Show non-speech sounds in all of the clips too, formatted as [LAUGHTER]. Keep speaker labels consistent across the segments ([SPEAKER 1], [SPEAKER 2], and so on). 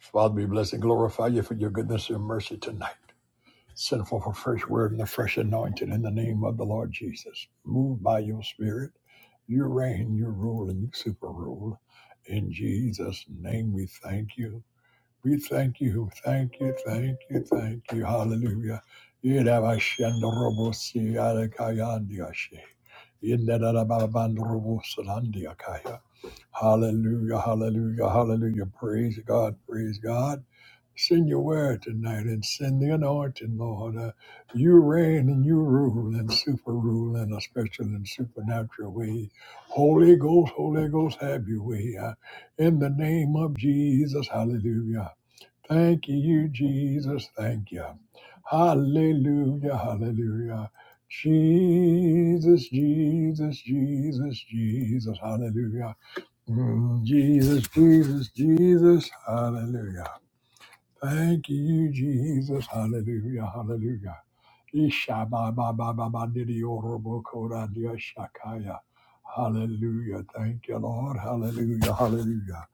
[SPEAKER 1] Father, we bless and glorify you for your goodness and mercy tonight. Send forth a fresh word and a fresh anointing in the name of the Lord Jesus. Move by your spirit. You reign, you rule, and you super rule. In Jesus' name, we thank you. We thank you, thank you, thank you, thank you. Hallelujah. Yidabashandorobosi alakayandiashi. Hallelujah, hallelujah, hallelujah. Praise God, praise God. Send your word tonight and send the anointing, Lord. Uh, you reign and you rule and super rule in a special and supernatural way. Holy Ghost, Holy Ghost, have your way. Uh, in the name of Jesus, hallelujah. Thank you, Jesus. Thank you. Hallelujah, hallelujah. Jesus, Jesus, Jesus, Jesus, hallelujah. Mm, Jesus, Jesus, Jesus, hallelujah. Thank you, Jesus. Hallelujah. Hallelujah. Ishabababababadiyodorbochoradiyashakaya. Hallelujah. Thank you, Lord. Hallelujah. Hallelujah.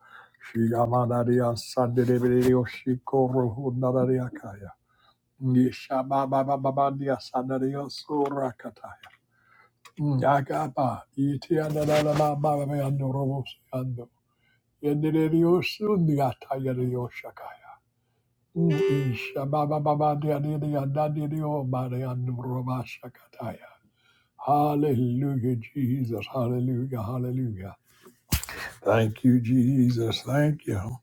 [SPEAKER 1] Shyamadariyassadidereyoshikorohudnadariakaya. Ishabababababadiyassadariyosurakataya. Ya kapa itiandadalamababayanuroseando yenereyosundyaatayereyoshakaya. Ooh, ish, ah, ba, ba, ba, ba, dia, dia, dia, da, dia, dia, oh, ba, dia, do, ro, ba, shakataya. Hallelujah, Jesus. Hallelujah. Hallelujah. Thank you, Jesus. Thank you.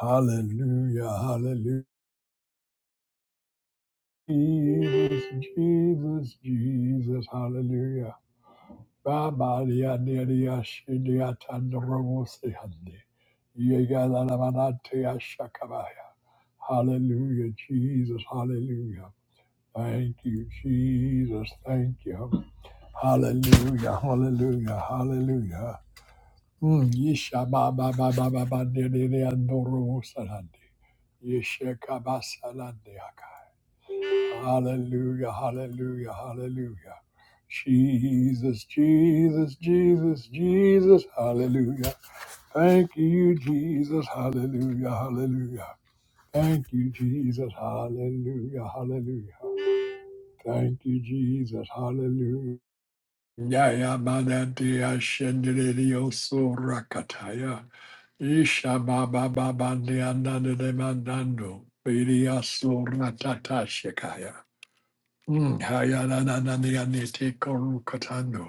[SPEAKER 1] Hallelujah. Hallelujah. Jesus, Jesus, Jesus. Hallelujah. Ba, ba, dia, dia, dia, shi, dia, ta, do, ro, bo, si, hande. Ye, ga, la, la, ba, da, te, ah, shakabaya. Hallelujah, Jesus. Hallelujah. Thank you, Jesus. Thank you. Hallelujah. Hallelujah. Hallelujah. Mm, yesha ba ba ba ba ba ba de de de andoro salande. Yesha kabasalande aka. Hallelujah. Hallelujah. Hallelujah. Jesus, Jesus, Jesus, Jesus, hallelujah. Thank you, Jesus, hallelujah, hallelujah. Thank you, Jesus, hallelujah, hallelujah. Thank you, Jesus, hallelujah. Yaya Manadia Shendio Surakataya Isha Baba Baba Niananda Mandando Vidia Suratata Shikaya Hayanananananiti Korukatando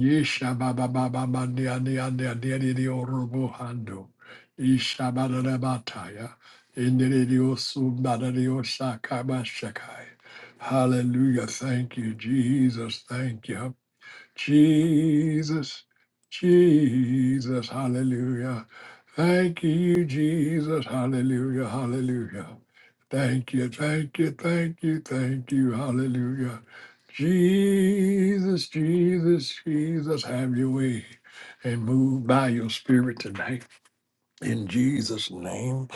[SPEAKER 1] Isha Baba Baba Mandiananda Diadio Rubuhando Isha Badanabataya Indirio Subadadio Sakaba Shakai Hallelujah. Thank you, Jesus. Thank you. Jesus, Jesus, hallelujah. Thank you, Jesus, hallelujah, hallelujah. Thank you, thank you, thank you, thank you, hallelujah. Jesus, Jesus, Jesus, have your way and move by your spirit tonight in Jesus' name.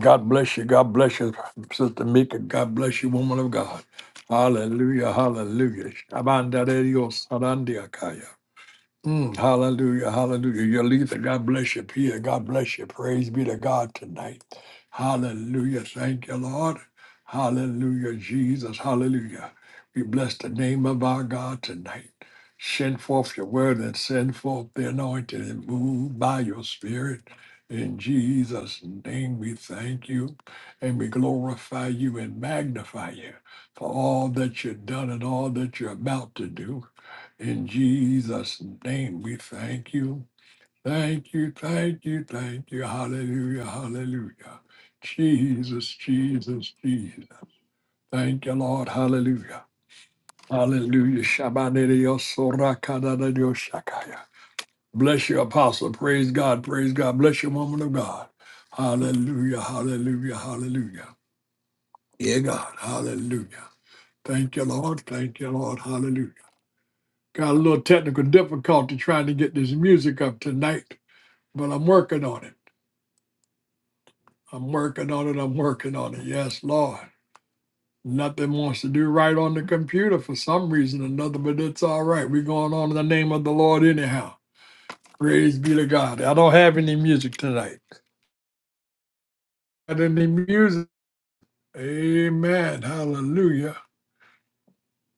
[SPEAKER 1] God bless you. God bless you, Sister Mika. God bless you, woman of God. Hallelujah, hallelujah. Shabandareyo sarandiakaya. Mm, hallelujah, hallelujah. Your leader, God bless you, Peter. God bless you. Praise be to God tonight. Hallelujah. Thank you, Lord. Hallelujah, Jesus. Hallelujah. We bless the name of our God tonight. Send forth your word and send forth the anointing and move by your spirit. In Jesus' name, we thank you and we glorify you and magnify you for all that you've done and all that you're about to do. In Jesus' name, we thank you. Thank you, thank you, thank you. Hallelujah, hallelujah. Jesus, Jesus, Jesus. Thank you, Lord. Hallelujah. Hallelujah. Shabaneriyosorakadadadioshakaya. Bless you, Apostle. Praise God, praise God. Bless you, woman of God. Hallelujah, hallelujah, hallelujah. Yeah, God. Hallelujah. Thank you, Lord. Thank you, Lord. Hallelujah. Got a little technical difficulty trying to get this music up tonight. but I'm working on it. I'm working on it. I'm working on it. Yes, Lord. Nothing wants to do right on the computer for some reason or another, but it's all right. We're going on in the name of the Lord anyhow. Praise be to God. I don't have any music tonight. Got any music? Amen. Hallelujah.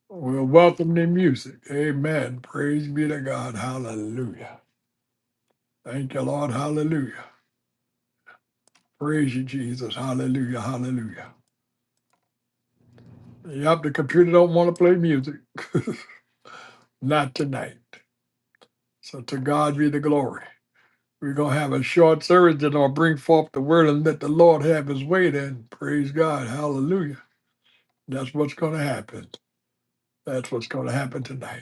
[SPEAKER 1] We'll welcome the music. Amen. Praise be to God. Hallelujah. Thank you, Lord. Hallelujah. Praise you, Jesus. Hallelujah. Hallelujah. Yep, the computer don't want to play music. [LAUGHS] Not tonight. So to God be the glory. We're going to have a short service that will bring forth the word and let the Lord have his way then. Praise God. Hallelujah. That's what's going to happen. That's what's going to happen tonight.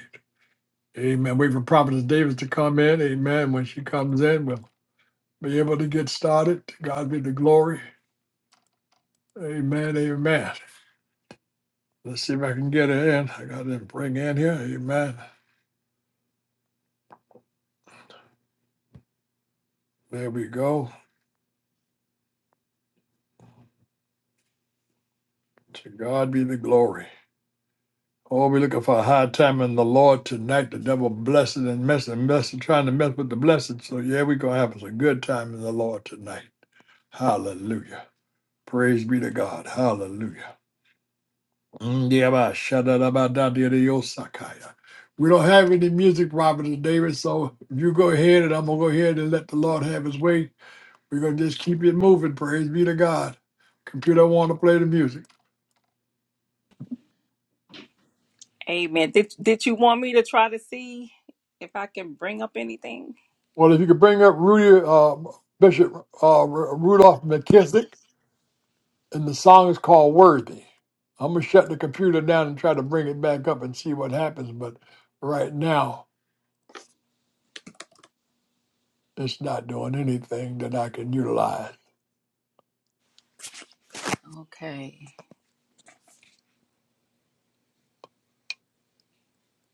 [SPEAKER 1] Amen. Wait for Prophetess Davis to come in. Amen. When she comes in, we'll be able to get started. To God be the glory. Amen. Amen. Let's see if I can get her in. I got to bring in here. Amen. There we go. To God be the glory. Oh, we're looking for a high time in the Lord tonight. The devil blessed and messing and messing, trying to mess with the blessed. So yeah, we're gonna have us a good time in the Lord tonight. Hallelujah. Praise be to God. Hallelujah. Ndiaba shadadabadadidiyosakaya. We don't have any music, Robert and David, so you go ahead and I'm gonna go ahead and let the Lord have his way. We're gonna just keep it moving. Praise be to God. Computer I wanna play the music.
[SPEAKER 2] Amen. Did did you want me to try to see if I can bring up anything?
[SPEAKER 1] Well, if you could bring up Rudy uh, Bishop uh, Ru- Rudolph McKissick. and the song is called Worthy. I'm gonna shut the computer down and try to bring it back up and see what happens, but right now it's not doing anything that I can utilize.
[SPEAKER 2] Okay.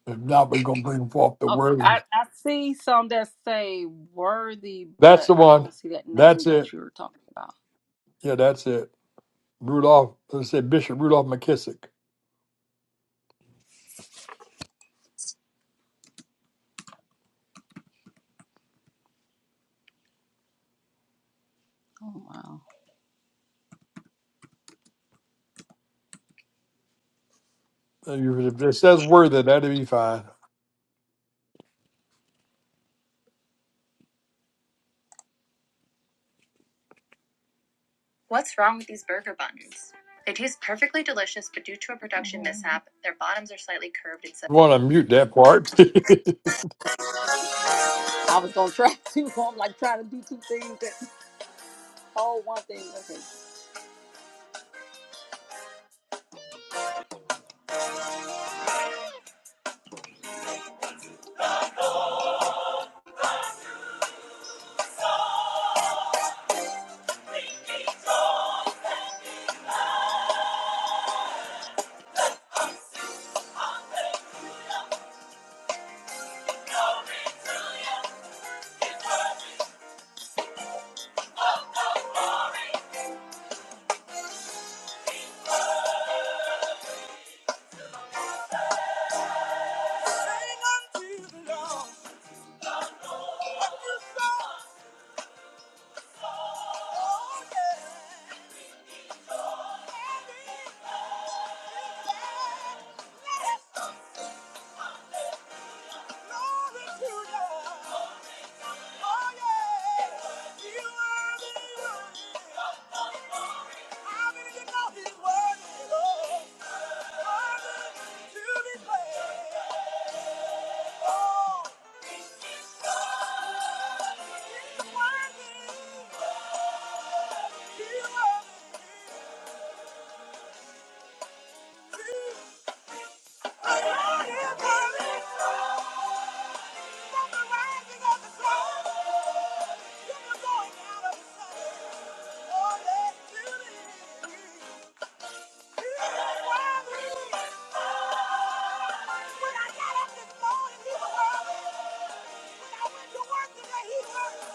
[SPEAKER 1] If not, we're gonna bring forth the
[SPEAKER 2] Okay.
[SPEAKER 1] word.
[SPEAKER 2] I, I see some that say worthy,
[SPEAKER 1] That's
[SPEAKER 2] but
[SPEAKER 1] the
[SPEAKER 2] I
[SPEAKER 1] one.
[SPEAKER 2] don't see that name
[SPEAKER 1] That's
[SPEAKER 2] that
[SPEAKER 1] it.
[SPEAKER 2] you're talking about.
[SPEAKER 1] Yeah, that's it. Rudolph, let's say Bishop Rudolph McKissick.
[SPEAKER 2] Oh wow.
[SPEAKER 1] If it says worthy, that'd be fine.
[SPEAKER 2] What's wrong with these burger buns? They taste perfectly delicious, but due to a production Mhm. mishap, their bottoms are slightly curved and so
[SPEAKER 1] You want to mute that part?
[SPEAKER 2] I was gonna try [LAUGHS] to I'm like trying to do two things that oh one thing. Okay. Yes. Oh! When I got up this morning, he was early. When I went to work today, he worked.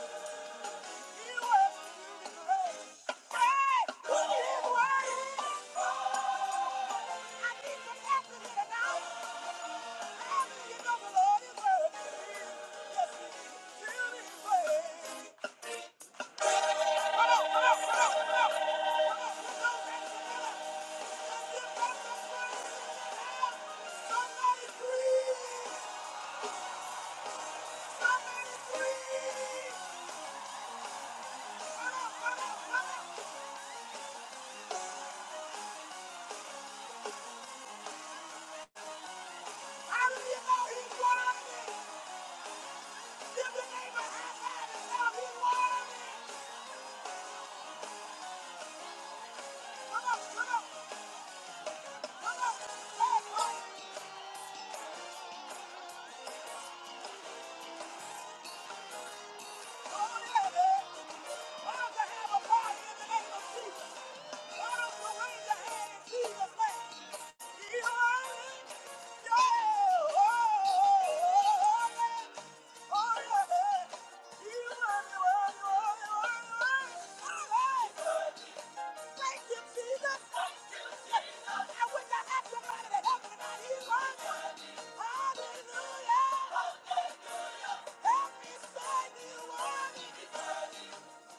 [SPEAKER 2] Somebody free! somebody, breathe! How does he know he's one of them? Give the neighbor a high five and tell him he's one of them. Come on, come on, come on. Hey, buddy. Come on in, man. Why don't you have a party in the name of Jesus? Hallelujah! Help me, son, you are. me. I got to praise him.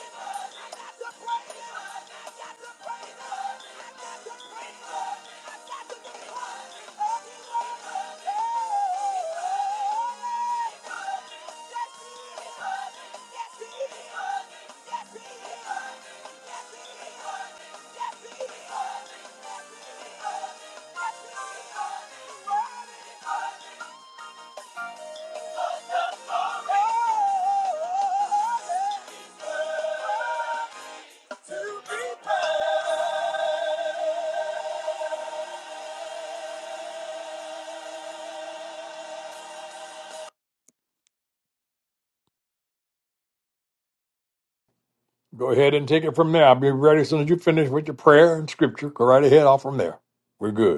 [SPEAKER 2] I got to praise him. Yes, he is. To be burned.
[SPEAKER 1] [LAUGHS] Go ahead and take it from there. I'll be ready as soon as you finish with your prayer and scripture. Go right ahead, off from there. We're good.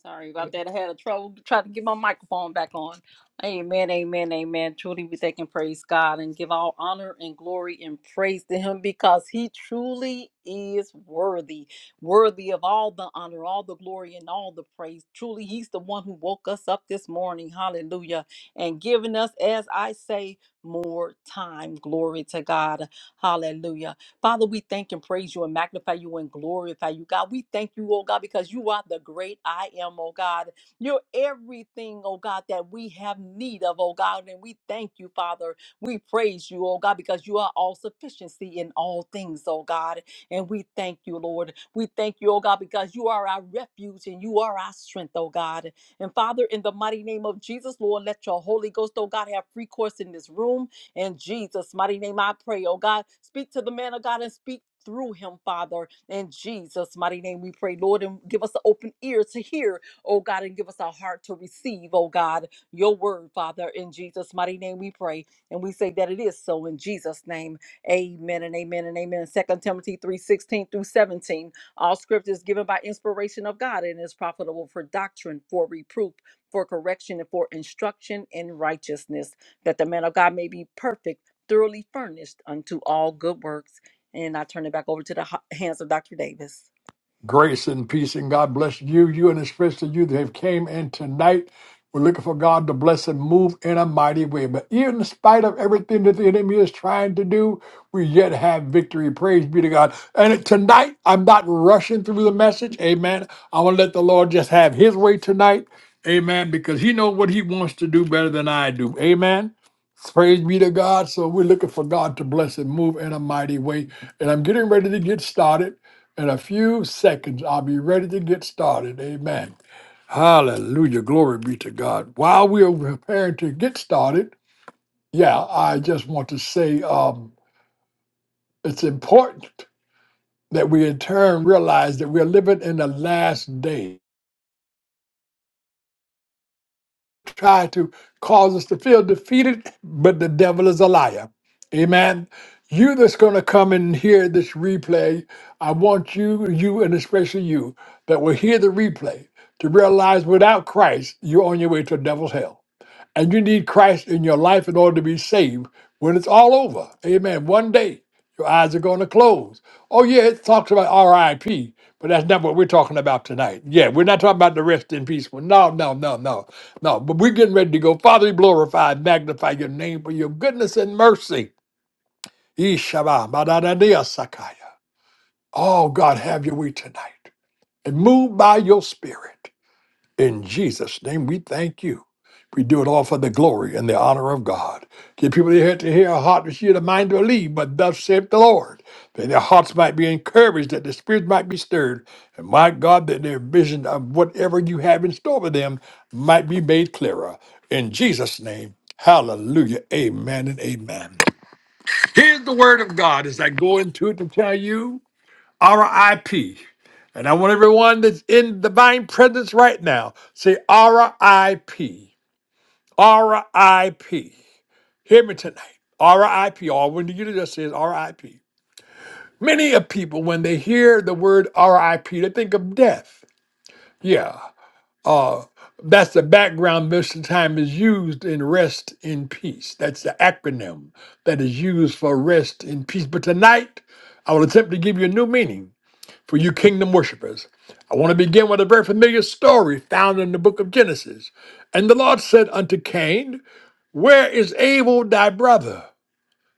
[SPEAKER 2] Sorry about that. I had a trouble trying to get my microphone back on. Amen, amen, amen. Truly, we thank and praise God and give all honor and glory and praise to Him because He truly is worthy, worthy of all the honor, all the glory, and all the praise. Truly, He's the one who woke us up this morning. Hallelujah. And giving us, as I say, more time. Glory to God. Hallelujah. Father, we thank and praise you and magnify you and glorify you, God. We thank you, oh God, because you are the great I am, oh God. You're everything, oh God, that we have need of, oh God. And we thank you, Father. We praise you, oh God, because you are all sufficiency in all things, oh God. And we thank you, Lord. We thank you, oh God, because you are our refuge and you are our strength, oh God. And Father, in the mighty name of Jesus, Lord, let your Holy Ghost, oh God, have free course in this room. In Jesus' mighty name, I pray, oh God, speak to the man of God and speak through him, Father. In Jesus' mighty name, we pray, Lord, and give us an open ear to hear, oh God, and give us a heart to receive, oh God, your word, Father. In Jesus' mighty name, we pray. And we say that it is so in Jesus' name. Amen and amen and amen. Second Timothy three sixteen through 17. All scripture is given by inspiration of God and is profitable for doctrine, for reproof, for correction, and for instruction in righteousness that the man of God may be perfect, thoroughly furnished unto all good works. And I turn it back over to the ho- hands of Dr. Davis.
[SPEAKER 1] Grace and peace and God bless you, you and especially you that have came in tonight. We're looking for God to bless and move in a mighty way. But even in spite of everything that the enemy is trying to do, we yet have victory. Praise be to God. And tonight, I'm not rushing through the message. Amen. I want to let the Lord just have his way tonight. Amen. Because he knows what he wants to do better than I do. Amen. Praise be to God. So we're looking for God to bless and move in a mighty way. And I'm getting ready to get started. In a few seconds, I'll be ready to get started. Amen. Hallelujah. Glory be to God. While we are preparing to get started, yeah, I just want to say um, it's important that we in turn realize that we're living in the last day. try to cause us to feel defeated, but the devil is a liar. Amen. You that's going to come and hear this replay, I want you, you, and especially you that will hear the replay to realize without Christ, you're on your way to the devil's hell and you need Christ in your life in order to be saved when it's all over. Amen. One day your eyes are going to close. Oh, yeah, it talks about RIP, but that's not what we're talking about tonight. Yeah, we're not talking about the rest in peace. one. No, no, no, no, no. But we're getting ready to go. Father, we glorify and magnify your name for your goodness and mercy. Yeshua, badadadea Sakaya. Oh, God, have your way tonight and move by your spirit. In Jesus' name, we thank you. We do it all for the glory and the honor of God. Give people their head to hear, a heart to hear, the mind to believe, but thus saith the Lord, that their hearts might be encouraged, that their spirits might be stirred, and my God, that their vision of whatever you have in store for them might be made clearer. In Jesus' name, hallelujah, amen and amen. Here's the word of God as I go into it to tell you. RIP. And I want everyone that's in divine presence right now say RIP. RIP. Hear me tonight. RIP. All when you just says RIP. Many of people, when they hear the word RIP, they think of death. Yeah. Uh, that's the background most of the time is used in rest in peace. That's the acronym that is used for rest in peace. But tonight, I will attempt to give you a new meaning for you kingdom worshipers. I want to begin with a very familiar story found in the book of Genesis. And the Lord said unto Cain, Where is Abel thy brother?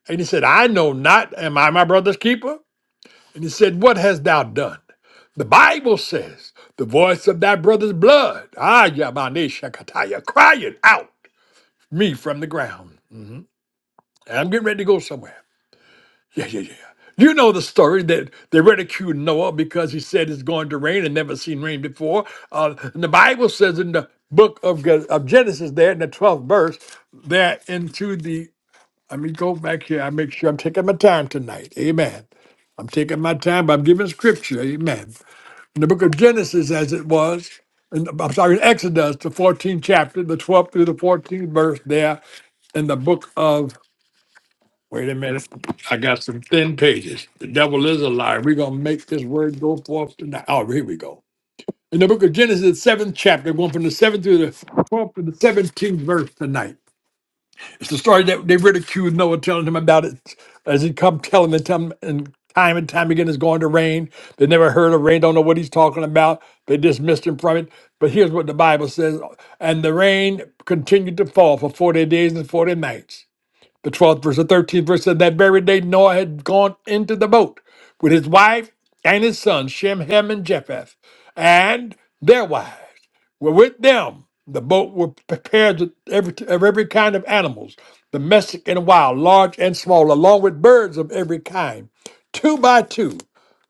[SPEAKER 1] And he said, I know not. Am I my brother's keeper? And he said, What hast thou done? The Bible says, The voice of thy brother's blood, ah, Yamane Shakataya, crying out me from the ground. And I'm getting ready to go somewhere. Yeah, yeah, yeah. yeah. You know the story that they ridiculed Noah because he said it's going to rain and never seen rain before. Uh, and the Bible says in the book of, Ge- of Genesis, there in the 12th verse, that into the, let me go back here. I make sure I'm taking my time tonight. Amen. I'm taking my time, but I'm giving scripture. Amen. In the book of Genesis, as it was, and I'm sorry, in Exodus, the 14th chapter, the 12th through the 14th verse, there in the book of Wait a minute. I got some thin pages. The devil is a liar. We're going to make this word go forth tonight. Oh, here we go. In the book of Genesis, seventh chapter, going from the seventh through the 12th to the 17th verse tonight. It's the story that they ridiculed Noah, telling him about it as he come telling them, telling them, and time and time again it's going to rain. They never heard of rain, don't know what he's talking about. They dismissed him from it. But here's what the Bible says And the rain continued to fall for 40 days and 40 nights the 12th verse, the 13th verse said that very day Noah had gone into the boat with his wife and his sons, Shem, Ham, and Japheth, and their wives were with them. The boat were prepared with every, of every kind of animals, domestic and wild, large and small, along with birds of every kind. Two by two,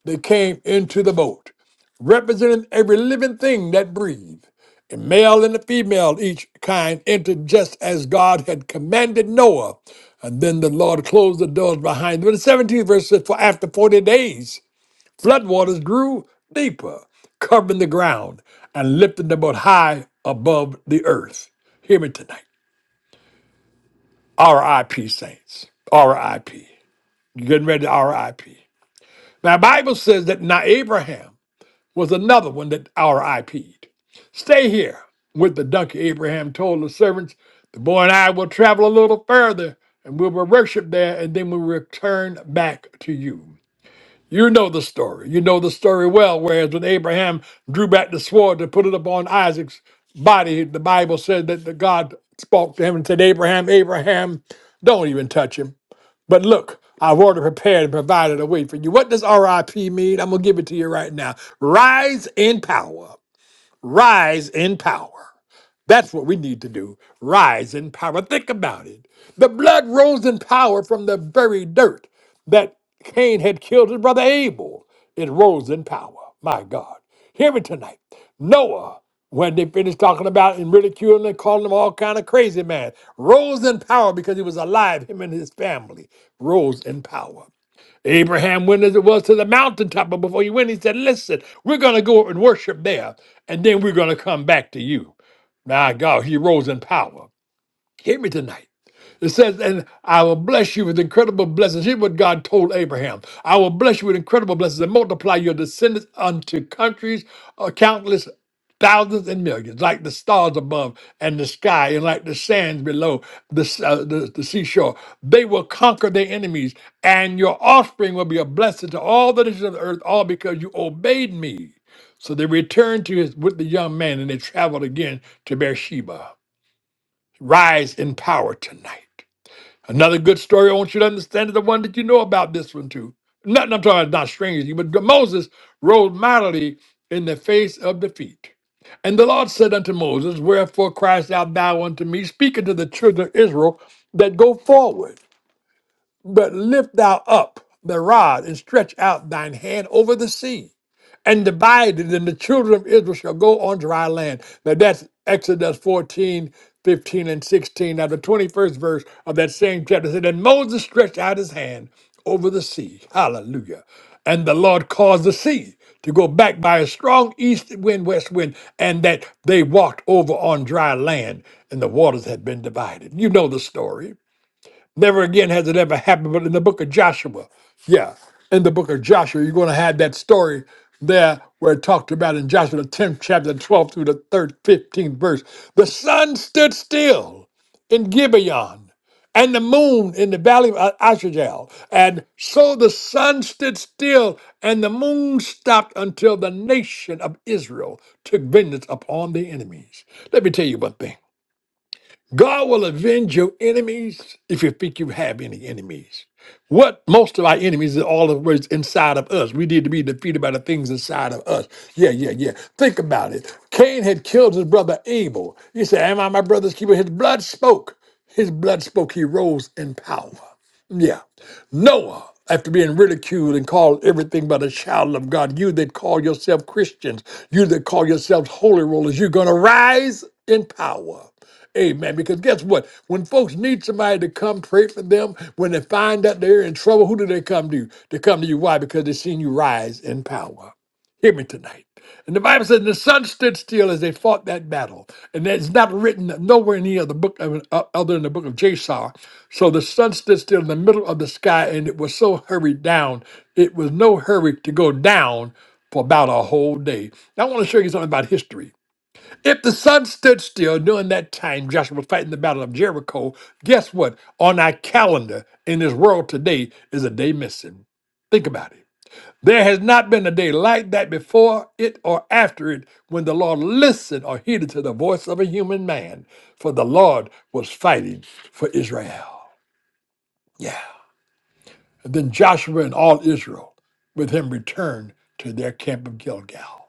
[SPEAKER 1] they came into the boat, representing every living thing that breathed. The male and the female, each kind, entered just as God had commanded Noah. And then the Lord closed the doors behind them. In the 17th verse says, For after 40 days, floodwaters grew deeper, covering the ground and lifting them up high above the earth. Hear me tonight. R.I.P. saints. R.I.P. You're getting ready to R.I.P. Now, the Bible says that now Abraham was another one that our IP'd. Stay here with the donkey, Abraham told the servants. The boy and I will travel a little further and we will worship there and then we'll return back to you. You know the story. You know the story well. Whereas when Abraham drew back the sword to put it upon Isaac's body, the Bible said that the God spoke to him and said, Abraham, Abraham, don't even touch him. But look, I've already prepared and provided a way for you. What does RIP mean? I'm going to give it to you right now. Rise in power. Rise in power. That's what we need to do. Rise in power. Think about it. The blood rose in power from the very dirt that Cain had killed his brother Abel. It rose in power. My God. Hear me tonight. Noah, when they finished talking about and ridiculing and calling him all kind of crazy man, rose in power because he was alive, him and his family rose in power. Abraham went as it was to the mountaintop, but before he went, he said, Listen, we're going to go and worship there, and then we're going to come back to you. My God, he rose in power. Hear me tonight. It says, and I will bless you with incredible blessings. Here's what God told Abraham I will bless you with incredible blessings and multiply your descendants unto countries, uh, countless thousands and millions, like the stars above and the sky, and like the sands below the, s- uh, the, the seashore. They will conquer their enemies, and your offspring will be a blessing to all the nations of the earth, all because you obeyed me. So they returned to his, with the young man, and they traveled again to Beersheba. Rise in power tonight. Another good story I want you to understand is the one that you know about this one too. Nothing I'm talking about is not strange to you, but Moses rose mightily in the face of defeat. And the Lord said unto Moses, Wherefore criest out thou unto me, speaking to the children of Israel that go forward, but lift thou up the rod and stretch out thine hand over the sea and divide it, and the children of Israel shall go on dry land. Now that's Exodus 14, 15, and 16. Now the 21st verse of that same chapter said, And Moses stretched out his hand over the sea. Hallelujah. And the Lord caused the sea to go back by a strong east wind, west wind, and that they walked over on dry land, and the waters had been divided. You know the story. Never again has it ever happened, but in the book of Joshua, yeah, in the book of Joshua, you're going to have that story there where it talked about in Joshua, the 10th chapter, 12 through the third, 15th verse. The sun stood still in Gibeon and the moon in the valley of Ashajal. And so the sun stood still and the moon stopped until the nation of Israel took vengeance upon their enemies. Let me tell you one thing. God will avenge your enemies if you think you have any enemies. What most of our enemies is all of what's inside of us. We need to be defeated by the things inside of us. Yeah, yeah, yeah. Think about it. Cain had killed his brother Abel. He said, Am I my brother's keeper? His blood spoke. His blood spoke. He rose in power. Yeah. Noah, after being ridiculed and called everything but a child of God, you that call yourself Christians, you that call yourselves holy rollers, you're going to rise in power. Amen. Because guess what? When folks need somebody to come pray for them, when they find out they're in trouble, who do they come to? They come to you. Why? Because they've seen you rise in power. Hear me tonight. And the Bible says, the sun stood still as they fought that battle. And that's not written nowhere in any other book, of- uh, other than the book of Jasar. So the sun stood still in the middle of the sky, and it was so hurried down. It was no hurry to go down for about a whole day. Now, I want to show you something about history. If the sun stood still during that time Joshua was fighting the battle of Jericho, guess what? On our calendar in this world today is a day missing. Think about it. There has not been a day like that before it or after it when the Lord listened or heeded to the voice of a human man, for the Lord was fighting for Israel. Yeah. And then Joshua and all Israel with him returned to their camp of Gilgal.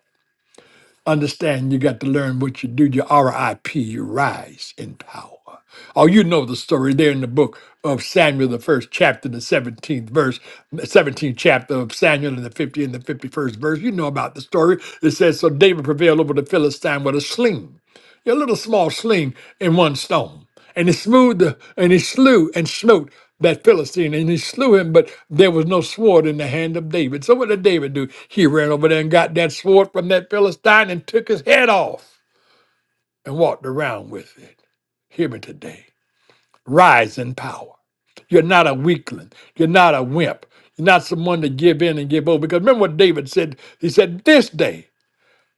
[SPEAKER 1] Understand you got to learn what you do, your RIP, you rise in power. Oh, you know the story there in the book of Samuel, the first chapter, the 17th verse, 17th chapter of Samuel, and the 50 and the 51st verse. You know about the story. It says, So David prevailed over the Philistine with a sling a little small sling in one stone. And he smoothed the, and he slew and smote that Philistine, and he slew him, but there was no sword in the hand of David. So what did David do? He ran over there and got that sword from that Philistine and took his head off and walked around with it. Hear me today. Rise in power. You're not a weakling. You're not a wimp. You're not someone to give in and give over. Because remember what David said? He said, This day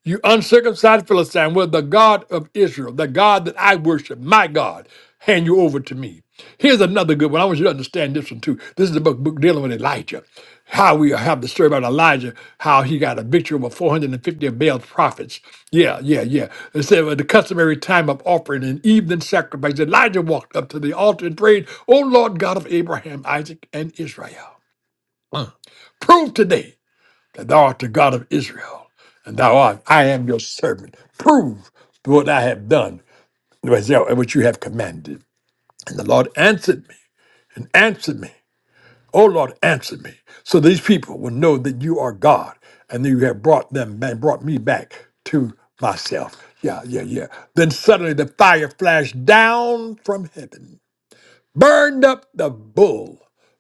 [SPEAKER 1] you uncircumcised Philistine, will the God of Israel, the God that I worship, my God, hand you over to me? Here's another good one. I want you to understand this one too. This is the book, book dealing with Elijah. How we have the story about Elijah, how he got a victory over 450 of Baal's prophets. Yeah, yeah, yeah. It said at the customary time of offering and evening sacrifice, Elijah walked up to the altar and prayed, O Lord God of Abraham, Isaac, and Israel, prove today that thou art the God of Israel, and thou art, I am your servant. Prove what I have done, what what you have commanded. And the Lord answered me, and answered me. O Lord, answer me. So these people will know that you are God, and that you have brought them and brought me back to myself. Yeah, yeah, yeah. Then suddenly the fire flashed down from heaven burned up the bull,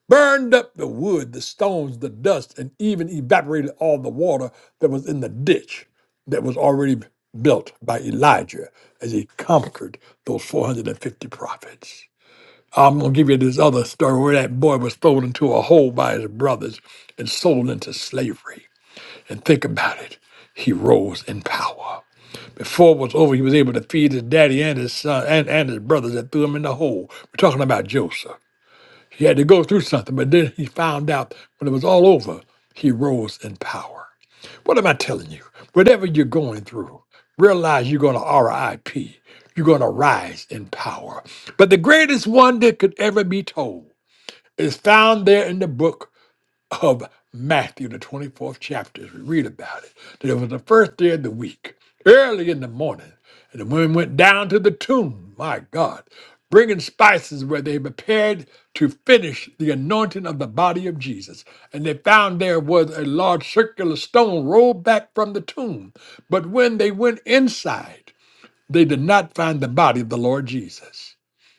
[SPEAKER 1] burned up the wood, the stones, the dust, and even evaporated all the water that was in the ditch that was already built by Elijah as he conquered those 450 prophets. I'm going to give you this other story where that boy was thrown into a hole by his brothers and sold into slavery. And think about it. He rose in power. Before it was over, he was able to feed his daddy and his son and, and his brothers that threw him in the hole. We're talking about Joseph. He had to go through something, but then he found out when it was all over, he rose in power. What am I telling you? Whatever you're going through, realize you're going to RIP. You're going to rise in power. But the greatest one that could ever be told is found there in the book of Matthew, the 24th chapter, as we read about it, that it was the first day of the week, early in the morning, and the women went down to the tomb, my God, bringing spices where they prepared to finish the anointing of the body of Jesus. And they found there was a large circular stone rolled back from the tomb. But when they went inside, they did not find the body of the Lord Jesus.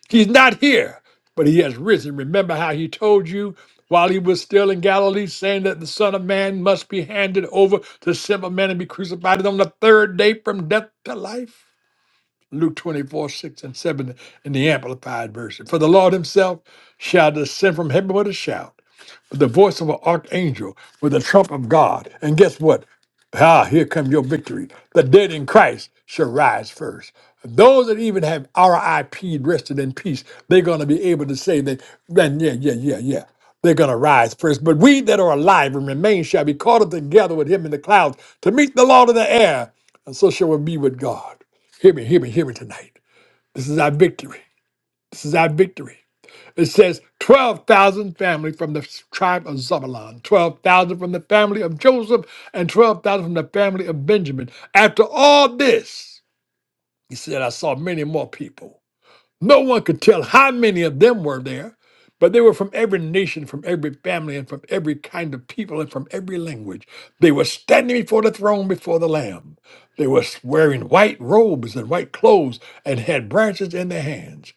[SPEAKER 1] He's not here, but he has risen. Remember how he told you while he was still in Galilee, saying that the Son of Man must be handed over to simple men and be crucified and on the third day from death to life? Luke 24, 6 and 7 in the Amplified Version. For the Lord himself shall descend from heaven with a shout with the voice of an archangel, with the trump of God. And guess what? Ah, here comes your victory. The dead in Christ shall rise first. Those that even have RIP rested in peace, they're going to be able to say that, then, yeah, yeah, yeah, yeah. They're going to rise first. But we that are alive and remain shall be caught up together with him in the clouds to meet the Lord in the air. And so shall we be with God. Hear me, hear me, hear me tonight. This is our victory. This is our victory. It says 12,000 family from the tribe of Zebulun, 12,000 from the family of Joseph, and 12,000 from the family of Benjamin. After all this, he said, I saw many more people no one could tell how many of them were there, but they were from every nation, from every family, and from every kind of people, and from every language. They were standing before the throne before the Lamb. They were wearing white robes and white clothes and had branches in their hands.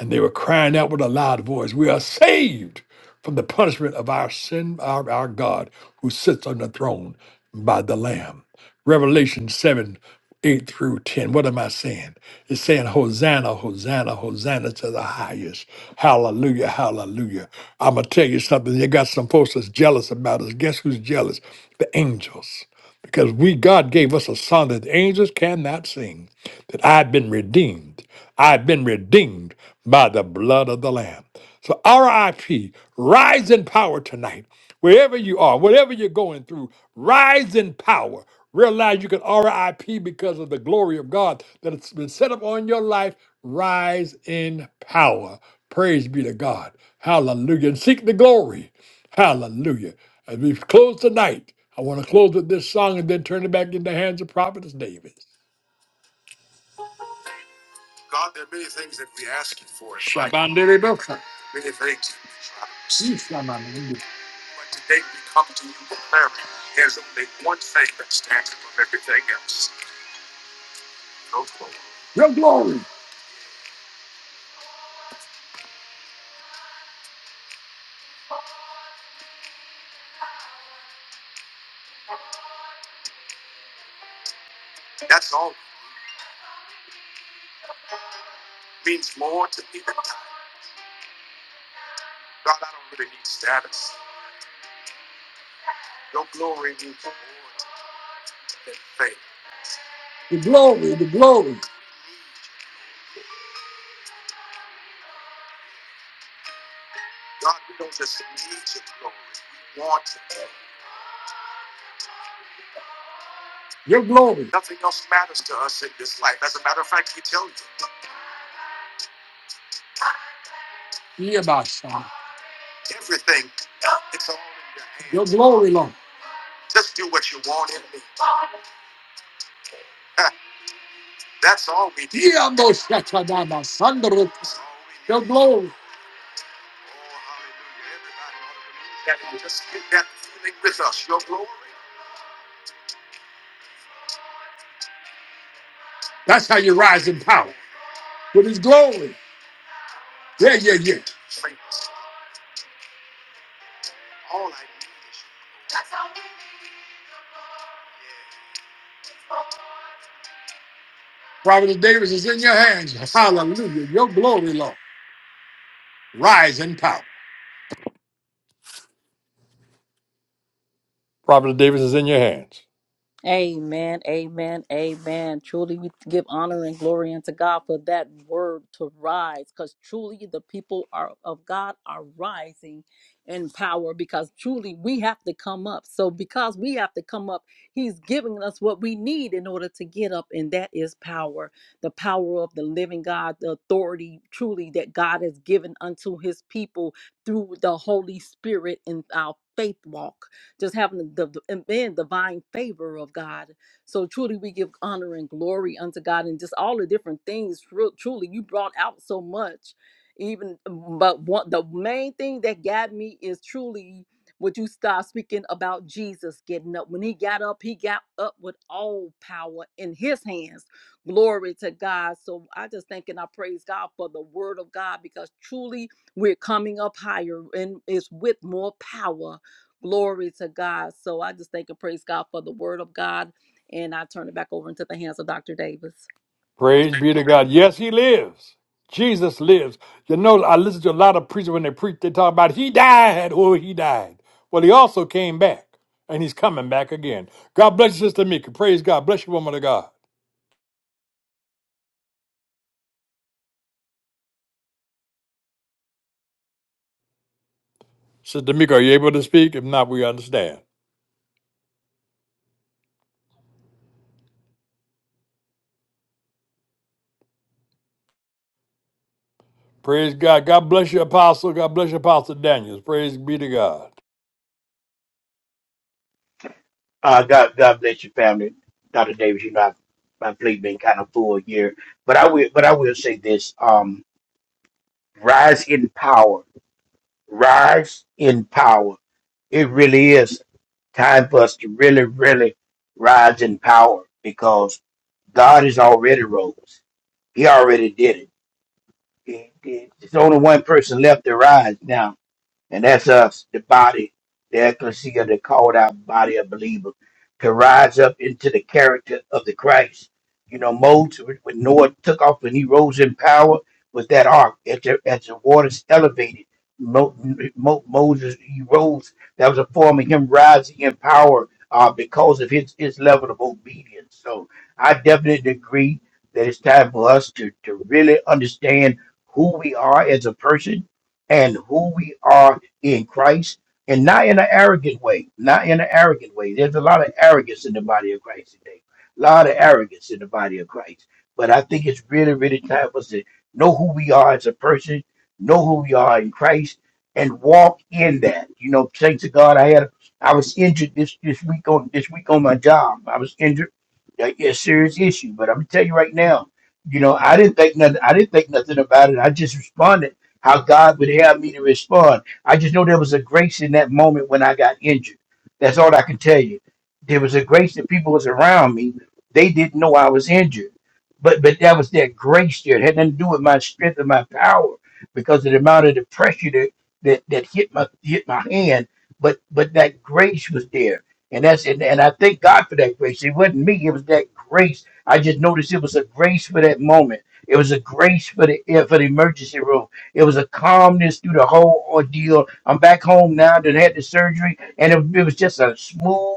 [SPEAKER 1] And they were crying out with a loud voice, We are saved from the punishment of our sin, our, our God, who sits on the throne by the Lamb. Revelation 7 8 through 10. What am I saying? It's saying, Hosanna, Hosanna, Hosanna to the highest. Hallelujah, hallelujah. I'm going to tell you something. You got some folks that's jealous about us. Guess who's jealous? The angels. Because we, God gave us a song that the angels cannot sing, that I've been redeemed. I've been redeemed by the blood of the Lamb. So RIP, rise in power tonight. Wherever you are, whatever you're going through, rise in power. Realize you can RIP because of the glory of God that has been set up on your life. Rise in power. Praise be to God. Hallelujah. And seek the glory. Hallelujah. As we close tonight, I want to close with this song and then turn it back into the hands of Prophetess Davis. Shabandelebosa. Ishamandelebo. Your glory, the glory, the glory, your glory. you, Yebasa. Your glory, Lord. Yabosatadama sandro- Your glory. That's how you rise in power. With his glory. Yeah, yeah, yeah. Providence Davis is in your hands. Hallelujah. Your glory, Lord. Rise in power. Prophet Davis is in your hands.
[SPEAKER 2] Amen, amen, amen. Truly, we give honor and glory unto God for that word to rise, because truly the people are of God are rising in power. Because truly we have to come up. So because we have to come up, He's giving us what we need in order to get up, and that is power, the power of the living God, the authority truly that God has given unto His people through the Holy Spirit in our faith walk just having the, the and being divine favor of God. So truly, we give honor and glory unto God, and just all the different things. Tru- Truly, you brought out so much. Even, um, but one, the main thing that got me is truly would you start speaking about Jesus getting up? When he got up, he got up with all power in his hands. Glory to God. So I just thank and I praise God for the word of God because truly we're coming up higher and it's with more power. Glory to God. So I just thank and praise God for the word of God. And I turn it back over into the hands of Dr. Davis.
[SPEAKER 1] Praise be to God. Yes, he lives. Jesus lives. You know, I listen to a lot of preachers when they preach, they talk about he died. Oh, he died. Well, he also came back, and he's coming back again. God bless you, Sister Mika. Praise God. Bless you, woman of God. Sister Mika, are you able to speak? If not, we understand. Praise God. God bless you, Apostle. God bless you, Apostle Daniels. Praise be to God.
[SPEAKER 3] Uh, God, God bless your family, Doctor Davis. You know, I've, my plate been kind of full here, but I will, but I will say this: um, rise in power, rise in power. It really is time for us to really, really rise in power because God has already rose. He already did it. He- he- There's only one person left to rise now, And that's us, the body, the ecclesia, the called out body of believers, to rise up into the character of the Christ. You know, Moses, when Noah took off and he rose in power with that ark, as the, as the waters elevated, Mo, Mo, Moses, he rose. That was a form of him rising in power uh, because of his, his level of obedience. So I definitely agree that it's time for us to, to really understand who we are as a person and who we are in Christ and not in an arrogant way, not in an arrogant way. There's a lot of arrogance in the body of Christ today, a lot of arrogance in the body of Christ. But I think it's really, really time for us to know who we are as a person, know who we are in Christ, and walk in that. You know, thanks to God, I had I was injured this this week on this week on my job. I was injured, a, a serious issue. But I'm gonna tell you right now, you know, I didn't think nothing. I didn't think nothing about it. I just responded how God would have me to respond I just know there was a grace in that moment when I got injured. That's all I can tell you. There was a grace that people was around me. They didn't know I was injured. But but that was that grace there. It had nothing to do with my strength and my power because of the amount of the pressure that that, that hit my hit my hand. But but that grace was there. And that's and, and I thank God for that grace. It wasn't me, it was that grace. I just noticed it was a grace for that moment. It was a grace for the eh, for the emergency room. It was a calmness through the whole ordeal. I'm back home now that I had the surgery, and it, it was just a smooth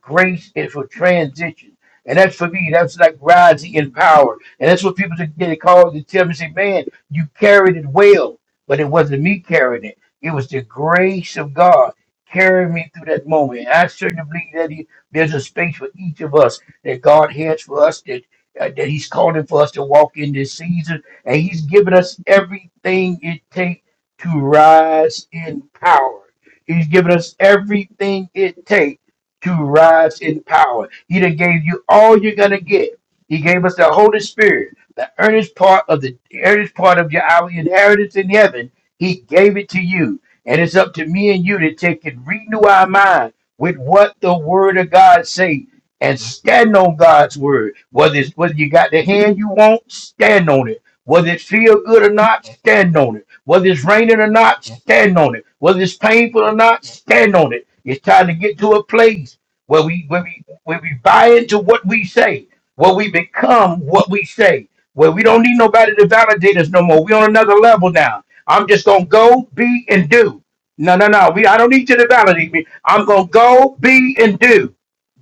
[SPEAKER 3] grace and for transition. And that's for me. That's like rising in power. And that's what people get a call to tell me, say, man, you carried it well. But it wasn't me carrying it. It was the grace of God carrying me through that moment. And I certainly believe that he, there's a space for each of us that God has for us that, uh, that he's calling for us to walk in this season and he's given us everything it takes to rise in power. He's given us everything it takes to rise in power. He done gave you all you're gonna get. He gave us the Holy Spirit, the earnest part of the earnest part of your our inheritance in heaven. He gave it to you. And it's up to me and you to take and renew our mind with what the word of God says and stand on God's word. Whether it's whether you got the hand you want, stand on it. Whether it feel good or not, stand on it. Whether it's raining or not, stand on it. Whether it's painful or not, stand on it. It's time to get to a place where we where we where we buy into what we say, where we become what we say, where we don't need nobody to validate us no more. We're on another level now. I'm just gonna go, be, and do. No, no, no. We I don't need you to validate me. I'm gonna go, be, and do.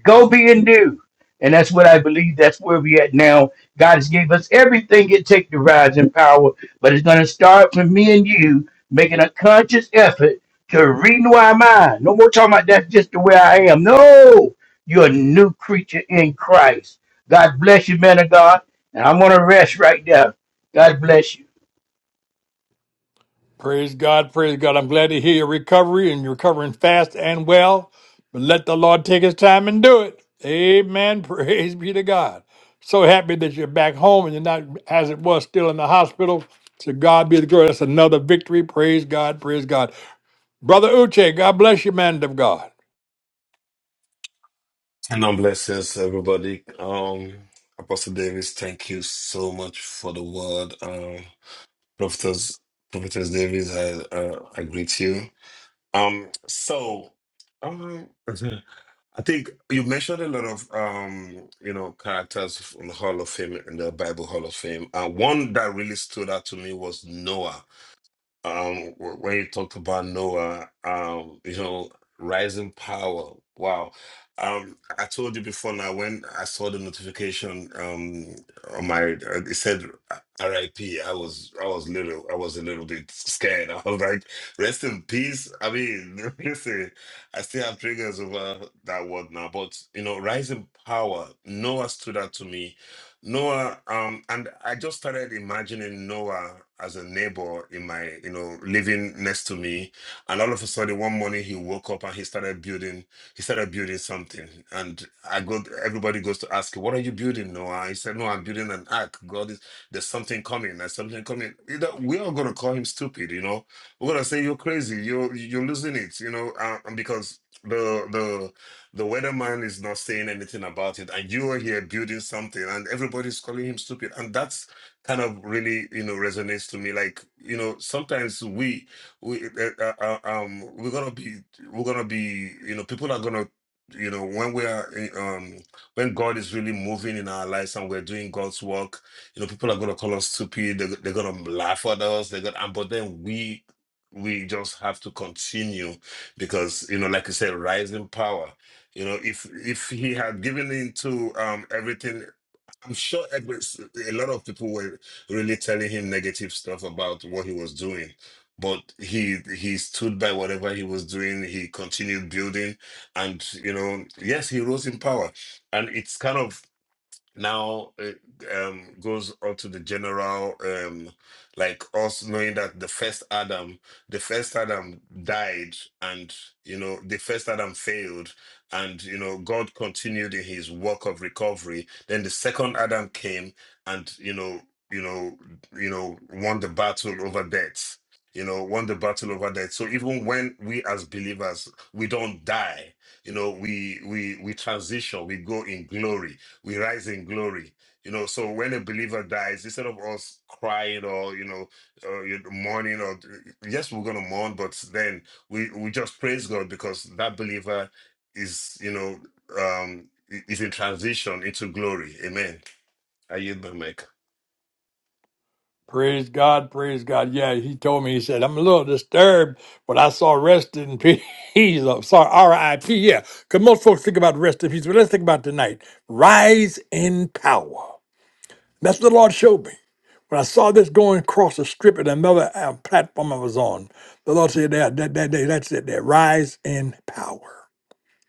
[SPEAKER 3] Go be and do. And that's what I believe. That's where we at now. God has gave us everything it takes to rise in power, but it's going to start from me and you making a conscious effort to renew our mind. No more talking about that's just the way I am. No, you're a new creature in Christ. God bless you, man of God. And I'm going to rest right there. God bless you.
[SPEAKER 1] Praise God, praise God. I'm glad to hear your recovery and you're recovering fast and well. But let the Lord take his time and do it. Amen. [LAUGHS] Praise be to God. So happy that you're back home and you're not as it was still in the hospital. To God be the glory. That's another victory. Praise God, praise God. Brother Uche, God bless you, man of God.
[SPEAKER 4] And on blessings, everybody. Um, Apostle Davis, thank you so much for the word. Um, Prophetess, Prophetess Davis, I, uh, I greet you. Um, so, um, I think you mentioned a lot of, um, you know, characters in the Hall of Fame, in the Bible Hall of Fame. Uh, one that really stood out to me was Noah um wh- where you talked about Noah, um, you know, rising power. Wow. Um, I told you before now when I saw the notification um on my uh, it said RIP, I P. I was I was little I was a little bit scared. [LAUGHS] I was like, rest in peace. I mean, [LAUGHS] listen, I still have triggers over that word now, but you know, rising power, Noah stood out to me Noah, um, and I just started imagining Noah as a neighbor in my, you know, living next to me. And all of a sudden, one morning he woke up and he started building. He started building something, and I go. Everybody goes to ask, "What are you building, Noah?" He said, "No, I'm building an ark. God is there's something coming. There's something coming." You know, we are going to call him stupid. You know, we're going to say you're crazy. You're you're losing it. You know, uh, because the the the weatherman is not saying anything about it, and you are here building something, and everybody's calling him stupid. And that's kind of really, you know, resonates to me. Like, you know, sometimes we, we, uh, uh, uh, uh, um, we're gonna be, we're gonna be, you know, people are gonna, you know, when we are, uh, um, when God is really moving in our lives and we're doing God's work, you know, people are gonna call us stupid. They're, they're gonna laugh at us. They're gonna, and- but then we, we just have to continue because you know, like you said, rising power. You know, if if he had given in to um, everything, I'm sure Edwards, a lot of people were really telling him negative stuff about what he was doing. But he he stood by whatever he was doing. He continued building, and you know, yes, he rose in power. And it's kind of now it um, goes up to the general um, like us knowing that the first adam the first adam died and you know the first adam failed and you know god continued in his work of recovery then the second adam came and you know you know you know won the battle over death you know won the battle over death so even when we as believers we don't die you know we we we transition we go in glory we rise in glory. You know, so when a believer dies, instead of us crying or you know, or you know, mourning, or yes, we're gonna mourn, but then we we just praise God because that believer is you know um is in transition into glory. Amen. Are you the mic?
[SPEAKER 1] Praise God, praise God. Yeah, he told me, he said, I'm a little disturbed, but I saw rest in peace. [LAUGHS] I'm sorry, R.I.P. Yeah, because most folks think about rest in peace, but let's think about tonight. Rise in power. That's what the Lord showed me. When I saw this going across the strip at another uh, platform I was on, the Lord said, that, that, that, that, that's it, that rise in power.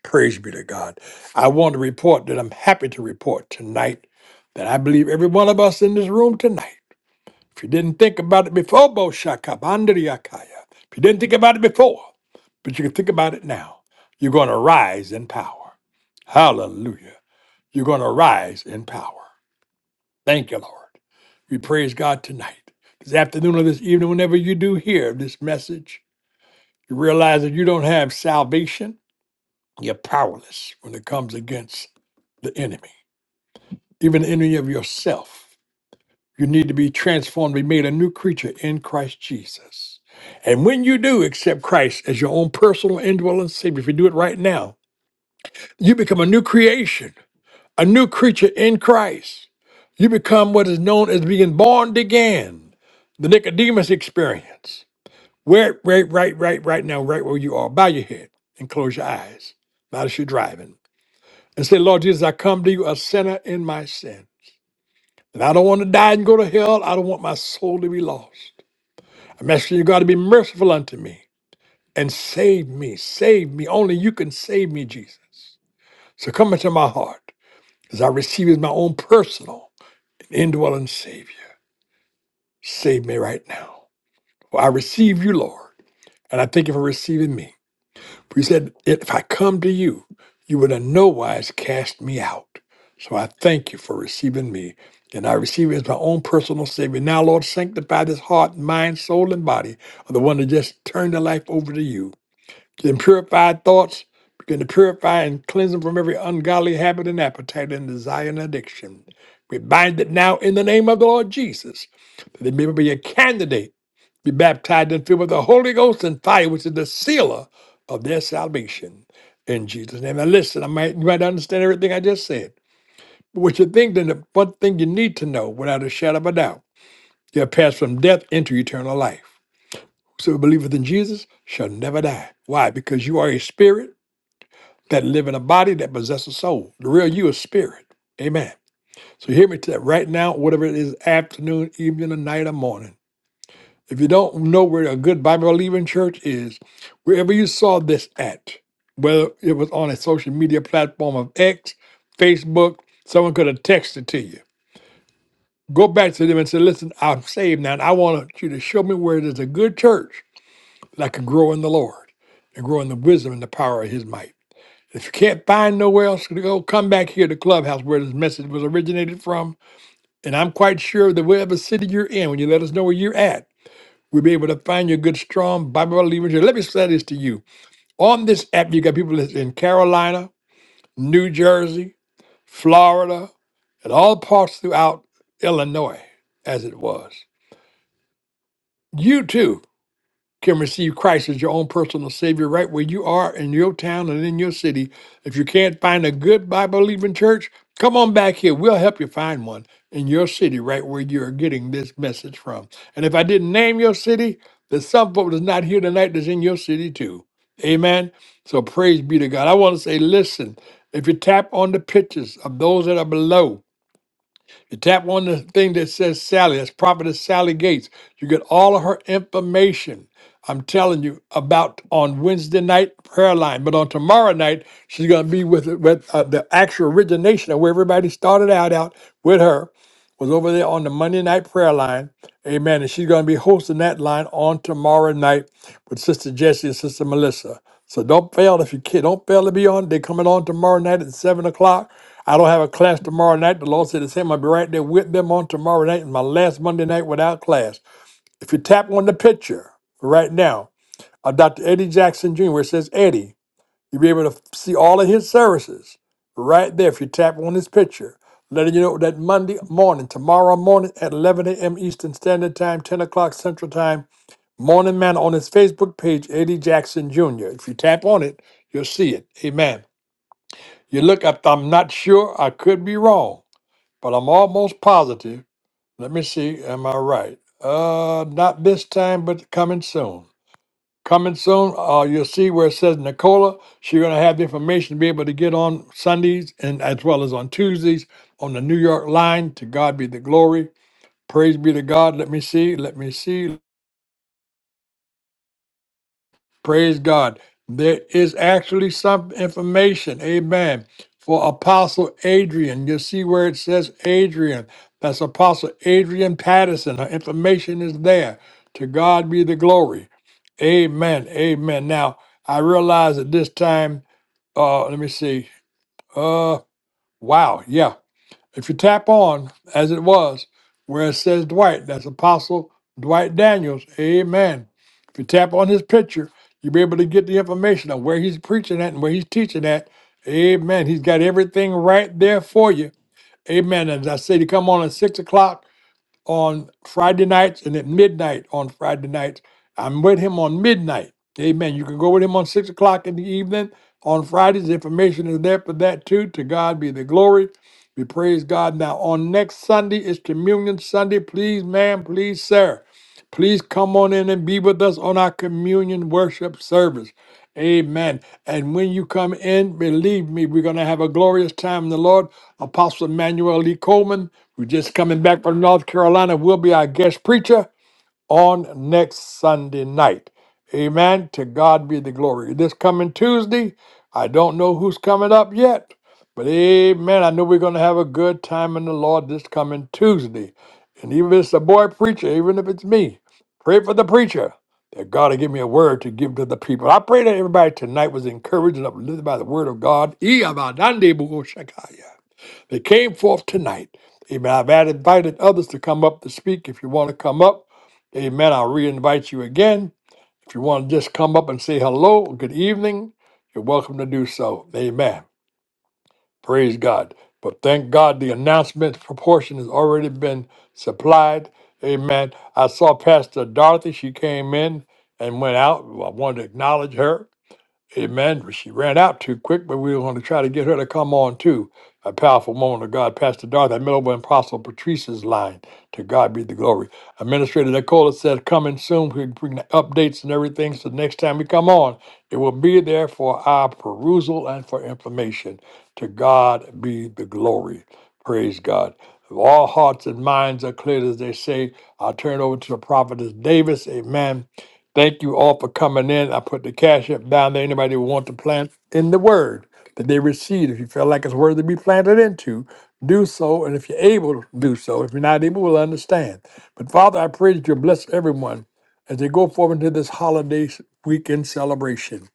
[SPEAKER 1] Praise be to God. I want to report that I'm happy to report tonight that I believe every one of us in this room tonight if you didn't think about it before, Boshakabandriakaya, if you didn't think about it before, but you can think about it now, you're going to rise in power. Hallelujah. You're going to rise in power. Thank you, Lord. We praise God tonight, this afternoon or this evening, whenever you do hear this message, you realize that you don't have salvation. You're powerless when it comes against the enemy, even the enemy of yourself. You need to be transformed, be made a new creature in Christ Jesus. And when you do accept Christ as your own personal indwelling Savior, if you do it right now, you become a new creation, a new creature in Christ. You become what is known as being born again, the Nicodemus experience. Where, right, right, right, right now, right where you are, bow your head and close your eyes, not as you're driving, and say, Lord Jesus, I come to you a sinner in my sin. And I don't want to die and go to hell. I don't want my soul to be lost. I'm asking you, God, to be merciful unto me and save me. Save me. Only you can save me, Jesus. So come into my heart as I receive you as my own personal and indwelling Savior. Save me right now. For I receive you, Lord, and I thank you for receiving me. For you said, if I come to you, you would in no wise cast me out. So I thank you for receiving me, and I receive you as my own personal Savior. Now, Lord, sanctify this heart, mind, soul, and body of the one that just turned their life over to you Then purified thoughts, begin to purify and cleanse them from every ungodly habit and appetite and desire and addiction. We bind it now in the name of the Lord Jesus, that they may be a candidate, be baptized and filled with the Holy Ghost and fire, which is the sealer of their salvation. In Jesus' name. Now listen, I might you might not understand everything I just said. But what you think, then the one thing you need to know without a shadow of a doubt, you have passed from death into eternal life. So who believeth in Jesus shall never die. Why? Because you are a spirit that live in a body that possess a soul. The real you is spirit. Amen. So hear me to that right now, whatever it is, afternoon, evening, or night, or morning. If you don't know where a good Bible believing church is, wherever you saw this at, whether it was on a social media platform of X, Facebook, someone could have texted to you. Go back to them and say, listen, I'm saved now, and I want you to show me where there's a good church that I can grow in the Lord and grow in the wisdom and the power of his might. If you can't find nowhere else to go, come back here to Clubhouse where this message was originated from. And I'm quite sure that whatever city you're in, when you let us know where you're at, we'll be able to find you a good, strong Bible believers. Let me say this to you. On this app, you got people that's in Carolina, New Jersey, Florida, and all parts throughout Illinois, as it was. You too can receive Christ as your own personal Savior right where you are in your town and in your city. If you can't find a good Bible believing church, come on back here. We'll help you find one in your city right where you're getting this message from. And if I didn't name your city, there's some folk that's not here tonight that's in your city too. Amen. So praise be to God. I want to say, listen, if you tap on the pictures of those that are below, you tap on the thing that says Sally, that's Prophetess Sally Gates. You get all of her information. I'm telling you about on Wednesday night prayer line, but on tomorrow night she's going to be with with uh, the actual origination of where everybody started out out with her was over there on the Monday night prayer line. Amen. And she's going to be hosting that line on tomorrow night with Sister Jessie and Sister Melissa. So don't fail if you can. Don't fail to be on. They're coming on tomorrow night at seven o'clock. I don't have a class tomorrow night. The Lord said the same. I'll be right there with them on tomorrow night and my last Monday night without class. If you tap on the picture right now of Dr. Eddie Jackson Jr., where it says Eddie, you'll be able to see all of his services right there if you tap on this picture. Letting you know that Monday morning, tomorrow morning at 11 a.m. Eastern Standard Time, 10 o'clock Central Time, Morning Manna on his Facebook page, Eddie Jackson Jr. If you tap on it, you'll see it. Amen. You look up, I'm not sure, I could be wrong, but I'm almost positive. Let me see, am I right? Uh, not this time, but coming soon. Coming soon, uh, you'll see where it says Nicola. She's going to have the information to be able to get on Sundays and as well as on Tuesdays on the New York line. To God be the glory. Praise be to God. Let me see. Let me see. Praise God. There is actually some information, amen, for Apostle Adrian. You see where it says Adrian. That's Apostle Adrian Patterson. Her information is there. To God be the glory. Amen. Amen. Now, I realize at this time, uh, let me see. Uh, wow. Yeah. If you tap on, as it was, where it says Dwight, that's Apostle Dwight Daniels, amen. If you tap on his picture, you'll be able to get the information on where he's preaching at and where he's teaching at, amen. He's got everything right there for you, amen. As I say, to come on at 6 o'clock on Friday nights and at midnight on Friday nights. I'm with him on midnight. Amen. You can go with him on six o'clock in the evening on Fridays. Information is there for that too. To God be the glory. We praise God. Now on next Sunday is Communion Sunday. Please, ma'am, please, sir. Please come on in and be with us on our communion worship service. Amen. And when you come in, believe me, we're going to have a glorious time in the Lord. Apostle Emmanuel Lee Coleman we're just coming back from North Carolina. We'll be our guest preacher on next Sunday night. Amen. To God be the glory. This coming Tuesday, I don't know who's coming up yet, but amen. I know we're going to have a good time in the Lord this coming Tuesday. And even if it's a boy preacher, even if it's me, pray for the preacher that God will give me a word to give to the people. I pray that everybody tonight was encouraged and uplifted by the word of God. Ee abadande bugo shakaya. They came forth tonight. Amen. I've had invited others to come up to speak. If you want to come up, amen, I'll re-invite you again. If you want to just come up and say hello, good evening, you're welcome to do so. Amen. Praise God. But thank God the announcement proportion has already been supplied. Amen. I saw Pastor Dorothy. She came in and went out. I wanted to acknowledge her. Amen. She ran out too quick, but we were going to try to get her to come on too. A powerful woman of God, Pastor Dorothy, I met over in Apostle Patrice's line. To God be the glory. Administrator Nicola said, coming soon. We bring the updates and everything. So next time we come on, it will be there for our perusal and for information. To God be the glory. Praise God. If all hearts and minds are clear, as they say, I'll turn it over to the prophetess Davis. Amen. Thank you all for coming in. I put the cash up down there. Anybody who want to plant in the word that they receive, if you feel like it's worthy to be planted into, do so. And if you're able, do so. If you're not able, we'll understand. But Father, I pray that you bless everyone as they go forward into this holiday s- weekend celebration.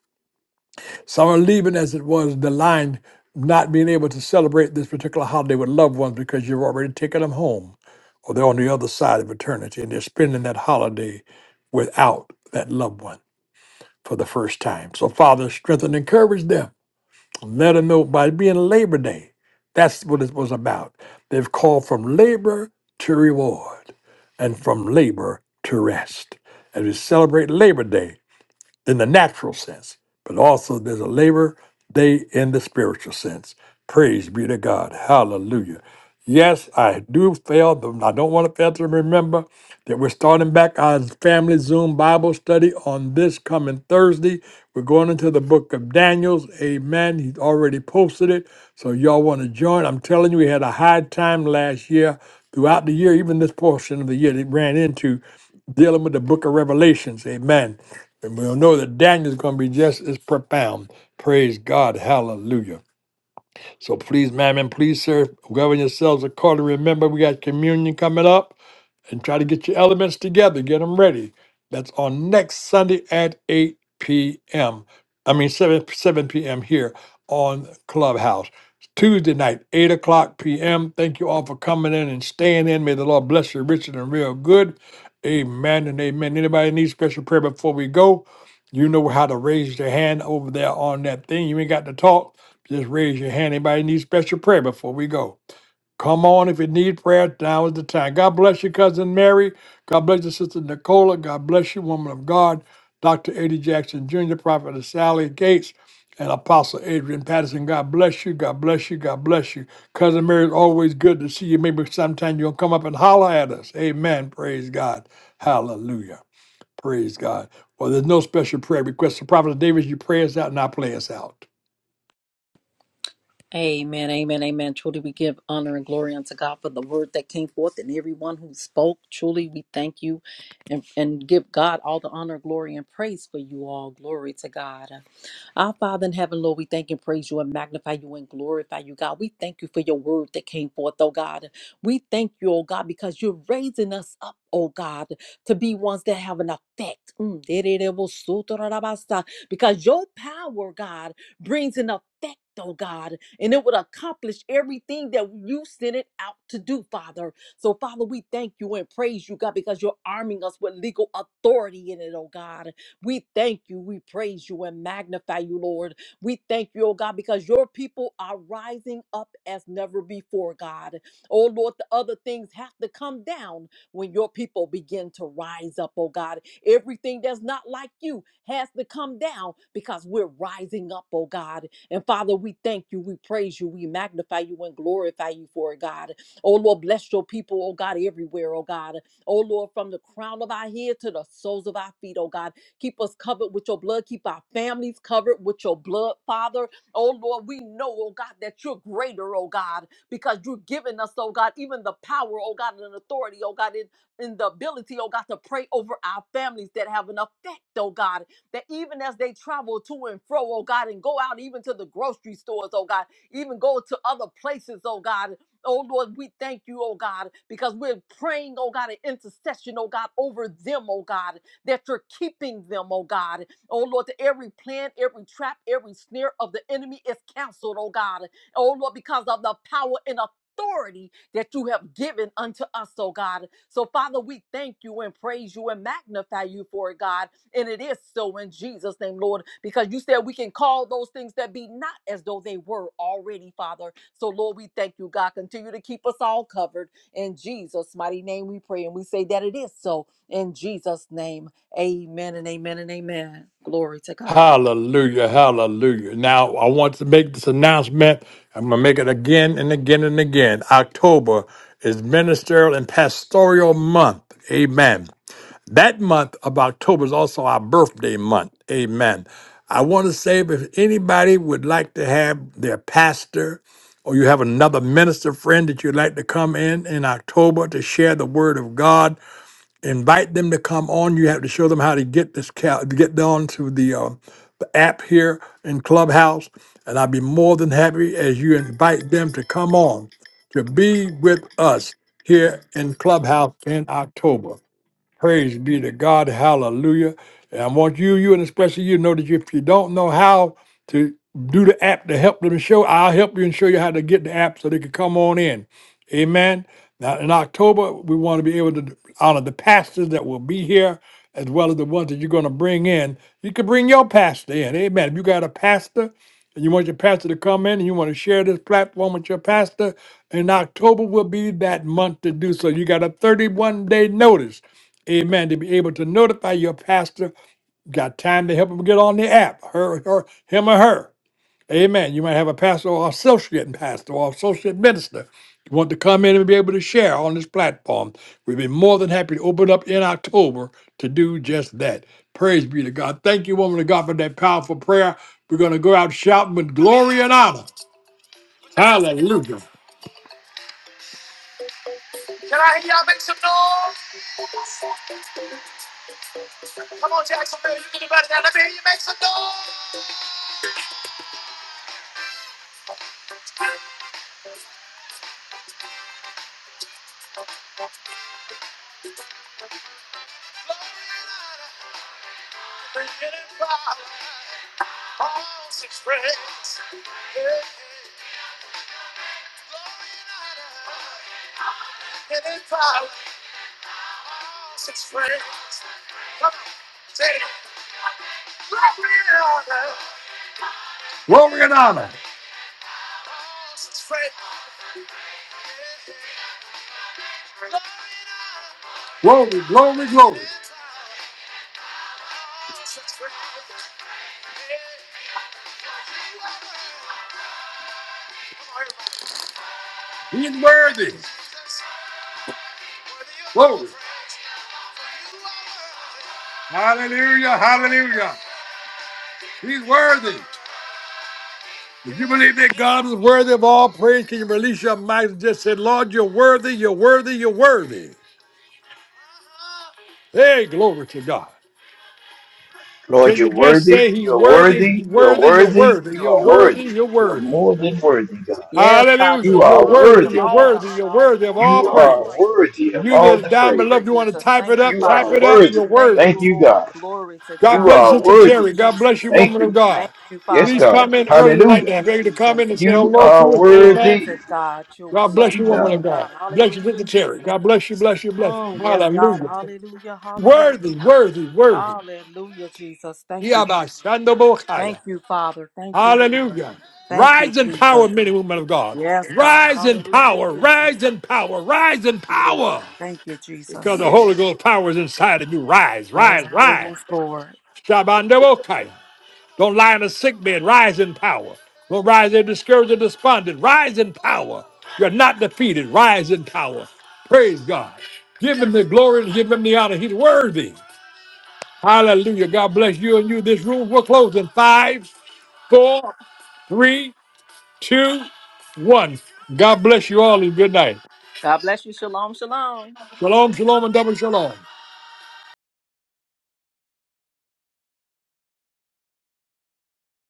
[SPEAKER 1] Some are leaving as it was the line, not being able to celebrate this particular holiday with loved ones because you've already taken them home or they're on the other side of eternity and they're spending that holiday without that loved one for the first time. So, Father, strengthen and encourage them. Let them know by being Labor Day, that's what it was about. They've called from labor to reward and from labor to rest. As we celebrate Labor Day, in the natural sense, but also there's a labor day in the spiritual sense. Praise be to God. Hallelujah. Yes, I do fail. but I don't want to fail to remember that we're starting back our family Zoom Bible study on this coming Thursday. We're going into the book of Daniels. Amen. He's already posted it. So y'all want to join. I'm telling you, we had a high time last year, throughout the year, even this portion of the year that ran into dealing with the book of Revelations. Amen. And we'll know that Daniel's going to be just as profound. Praise God. Hallelujah. So please, ma'am, and please, sir, govern yourselves accordingly. Remember, we got communion coming up and try to get your elements together, get them ready. That's on next Sunday at 8 p.m. I mean, 7, 7 p.m. here on Clubhouse. Tuesday night, 8 o'clock p.m. Thank you all for coming in and staying in. May the Lord bless you, Richard, and real good. Amen and amen. Anybody need special prayer before we go? You know how to raise your hand over there on that thing. You ain't got to talk. Just raise your hand. Anybody need special prayer before we go? Come on, if you need prayer, now is the time. God bless you, Cousin Mary. God bless you, Sister Nicola. God bless you, woman of God, Dr. Eddie Jackson Jr., Prophet Sally Gates, and Apostle Adrian Patterson. God bless you. God bless you. God bless you. Cousin Mary, it's always good to see you. Maybe sometime you'll come up and holler at us. Amen. Praise God. Hallelujah. Praise God. Well, there's no special prayer request. So, Prophet Davis, you pray us out and I play us out.
[SPEAKER 2] Amen, amen, amen. Truly, we give honor and glory unto God for the word that came forth and everyone who spoke. Truly, we thank you and, and give God all the honor, glory, and praise for you all. Glory to God. Our Father in heaven, Lord, we thank and praise you and magnify you and glorify you, God. We thank you for your word that came forth, oh God. We thank you, oh God, because you're raising us up, oh God, to be ones that have an effect. Mm, dererebosotorabasa, Because your power, God, brings an effect. Oh God, and it would accomplish everything that you sent it out to do, Father. So, Father, we thank you and praise you, God, because you're arming us with legal authority in it, oh God. We thank you. We praise you and magnify you, Lord. We thank you, oh God, because your people are rising up as never before, God. Oh Lord, the other things have to come down when your people begin to rise up, oh God. Everything that's not like you has to come down because we're rising up, oh God. And Father, we thank you, we praise you, we magnify you and glorify you for it, God. Oh Lord, bless your people, oh God, everywhere, oh God. Oh Lord, from the crown of our head to the soles of our feet, oh God. Keep us covered with your blood. Keep our families covered with your blood, Father. Oh Lord, we know, oh God, that you're greater, oh God, because you're giving us, oh God, even the power, oh God, and authority, oh God, in, in the ability, oh God, to pray over our families that have an effect, oh God, that even as they travel to and fro, oh God, and go out even to the grocery stores, oh God, even go to other places, oh God. Oh Lord, we thank you, oh God, because we're praying, oh God, an intercession, oh God, over them, oh God that you're keeping them, oh God. Oh Lord, that every plan, every trap, every snare of the enemy is canceled, oh God. Oh Lord, because of the power and authority that you have given unto us, oh God. So, Father, we thank you and praise you and magnify you for it, God. And it is so in Jesus' name, Lord, because you said we can call those things that be not as though they were already, Father. So, Lord, we thank you, God. Continue to keep us all covered. In Jesus' mighty name, we pray. And we say that it is so in Jesus' name. Amen and amen and amen. Glory to God.
[SPEAKER 1] Hallelujah, hallelujah. Now, I want to make this announcement. I'm going to make it again and again and again. October is Ministerial and Pastoral Month. Amen. That month of October is also our birthday month. Amen. I want to say if anybody would like to have their pastor or you have another minister friend that you'd like to come in in October to share the word of God, invite them to come on. You have to show them how to get this cal- to get down to the uh, the app here in Clubhouse, and I'd be more than happy as you invite them to come on to be with us here in Clubhouse in October. Praise be to God. Hallelujah. And I want you, you, and especially you, know that if you don't know how to do the app to help them show, I'll help you and show you how to get the app so they can come on in. Amen. Now, in October, we want to be able to honor the pastors that will be here as well as the ones that you're going to bring in. You can bring your pastor in. Amen. If you got a pastor, and you want your pastor to come in and you want to share this platform with your pastor, in October will be that month to do so. You got a 31 day notice. Amen. To be able to notify your pastor, got time to help him get on the app, her, her, him or her. Amen. You might have a pastor or associate pastor or associate minister. You want to come in and be able to share on this platform. We'd be more than happy to open up in October to do just that. Praise be to God. Thank you, woman of God, for that powerful prayer. We're going to go out shouting with glory and honor. Hallelujah. Glory and honor. Glory, glory, glory. He's worthy. Glory. Hallelujah. Hallelujah. He's worthy. If you believe that God is worthy of all praise, can you release your mouth and just say, Lord, you're worthy, you're worthy, you're worthy. Hey, glory to God.
[SPEAKER 3] Lord,
[SPEAKER 1] Can you
[SPEAKER 3] you're
[SPEAKER 1] just
[SPEAKER 3] worthy.
[SPEAKER 1] say he's
[SPEAKER 3] You're
[SPEAKER 1] worthy,
[SPEAKER 3] worthy.
[SPEAKER 1] he's
[SPEAKER 3] You're
[SPEAKER 1] worthy, you're
[SPEAKER 3] worthy.
[SPEAKER 1] worthy,
[SPEAKER 3] You
[SPEAKER 1] you're
[SPEAKER 3] are
[SPEAKER 1] worthy,
[SPEAKER 3] worthy.
[SPEAKER 1] you're
[SPEAKER 3] You're
[SPEAKER 1] worthy.
[SPEAKER 3] more than worthy, God.
[SPEAKER 2] Yes, God,
[SPEAKER 1] Hallelujah.
[SPEAKER 3] You
[SPEAKER 2] you're
[SPEAKER 1] You're
[SPEAKER 3] are
[SPEAKER 2] worthy of
[SPEAKER 1] worthy, you're
[SPEAKER 3] worthy,
[SPEAKER 2] all the
[SPEAKER 3] God.
[SPEAKER 1] worthy, you're
[SPEAKER 2] honor, all the
[SPEAKER 1] worthy of
[SPEAKER 2] glory,
[SPEAKER 1] all
[SPEAKER 2] and
[SPEAKER 3] You
[SPEAKER 2] all the
[SPEAKER 1] praise.
[SPEAKER 3] are
[SPEAKER 2] praise.
[SPEAKER 3] worthy of
[SPEAKER 1] You that
[SPEAKER 3] all
[SPEAKER 1] are
[SPEAKER 3] the
[SPEAKER 1] down below,
[SPEAKER 2] Hallelujah,
[SPEAKER 3] praise.
[SPEAKER 1] if you want to
[SPEAKER 2] Jesus.
[SPEAKER 1] type
[SPEAKER 2] Thank
[SPEAKER 1] it
[SPEAKER 2] you,
[SPEAKER 1] up,
[SPEAKER 3] You
[SPEAKER 1] type
[SPEAKER 3] are
[SPEAKER 2] Father.
[SPEAKER 1] it up, you're
[SPEAKER 3] worthy.
[SPEAKER 2] Thank
[SPEAKER 1] worthy.
[SPEAKER 3] Thank
[SPEAKER 2] you,
[SPEAKER 3] you,
[SPEAKER 2] Lord.
[SPEAKER 3] God.
[SPEAKER 2] Glory to
[SPEAKER 1] God
[SPEAKER 3] You
[SPEAKER 2] God.
[SPEAKER 1] bless you,
[SPEAKER 3] are
[SPEAKER 1] Sister
[SPEAKER 2] Hallelujah,
[SPEAKER 1] Terry.
[SPEAKER 3] worthy.
[SPEAKER 1] God
[SPEAKER 2] Jesus.
[SPEAKER 1] bless you,
[SPEAKER 3] Thank
[SPEAKER 1] woman of
[SPEAKER 3] you.
[SPEAKER 1] God.
[SPEAKER 2] Thank you,
[SPEAKER 3] Yes,
[SPEAKER 2] Father.
[SPEAKER 1] Please
[SPEAKER 3] God.
[SPEAKER 2] Thank
[SPEAKER 1] come
[SPEAKER 2] you,
[SPEAKER 1] in early.
[SPEAKER 2] Lord.
[SPEAKER 1] We'd like
[SPEAKER 2] Thank
[SPEAKER 1] to
[SPEAKER 3] Hallelujah.
[SPEAKER 1] have
[SPEAKER 2] you,
[SPEAKER 1] you to come
[SPEAKER 2] Jesus.
[SPEAKER 1] in and say
[SPEAKER 3] You
[SPEAKER 1] hello to
[SPEAKER 3] are
[SPEAKER 1] us.
[SPEAKER 2] Glory
[SPEAKER 1] Amen.
[SPEAKER 2] to
[SPEAKER 3] worthy.
[SPEAKER 2] God. You're
[SPEAKER 1] God
[SPEAKER 3] Thank
[SPEAKER 1] bless
[SPEAKER 2] so
[SPEAKER 1] you,
[SPEAKER 3] you,
[SPEAKER 1] woman of
[SPEAKER 2] worthy,
[SPEAKER 3] God.
[SPEAKER 1] God.
[SPEAKER 2] God.
[SPEAKER 1] Bless you,
[SPEAKER 2] Hallelujah,
[SPEAKER 1] Sister
[SPEAKER 2] Jesus.
[SPEAKER 1] Terry. God bless you, bless you, bless you.
[SPEAKER 2] Mm, yes, God.
[SPEAKER 1] Hallelujah.
[SPEAKER 2] Hallelujah. Hallelujah.
[SPEAKER 1] Worthy, worthy, worthy.
[SPEAKER 2] Hallelujah, Jesus. Thank you, Father. Thank
[SPEAKER 1] Yabashandobokhaya.
[SPEAKER 2] you, Father. Thank you, Lord.
[SPEAKER 1] Hallelujah.
[SPEAKER 2] Thank you,
[SPEAKER 1] Rise in
[SPEAKER 2] Jesus.
[SPEAKER 1] power, men and women of God.
[SPEAKER 2] Yes, God.
[SPEAKER 1] Rise in
[SPEAKER 2] Hallelujah,
[SPEAKER 1] power,
[SPEAKER 2] Jesus. Thank
[SPEAKER 1] rise in power, rise in
[SPEAKER 2] you, Lord.
[SPEAKER 1] power.
[SPEAKER 2] Thank you,
[SPEAKER 1] Because
[SPEAKER 2] Jesus.
[SPEAKER 1] the Holy
[SPEAKER 3] Yes.
[SPEAKER 1] Ghost power is inside of you. Rise,
[SPEAKER 2] Yes,
[SPEAKER 1] rise,
[SPEAKER 2] Lord.
[SPEAKER 1] rise.
[SPEAKER 2] Yes, Lord.
[SPEAKER 1] Shabandabokaya. Don't lie in a sick bed. Rise in power. Don't rise in discouraged and despondent. Rise in power. You're not defeated. Rise in power. Praise God. Give him the glory and give him the honor. He's worthy. Hallelujah. God bless you and you. This room will close in five, four, three, two, one. God bless you all and good night.
[SPEAKER 2] God bless you. Shalom, shalom.
[SPEAKER 1] Shalom, shalom, and double shalom.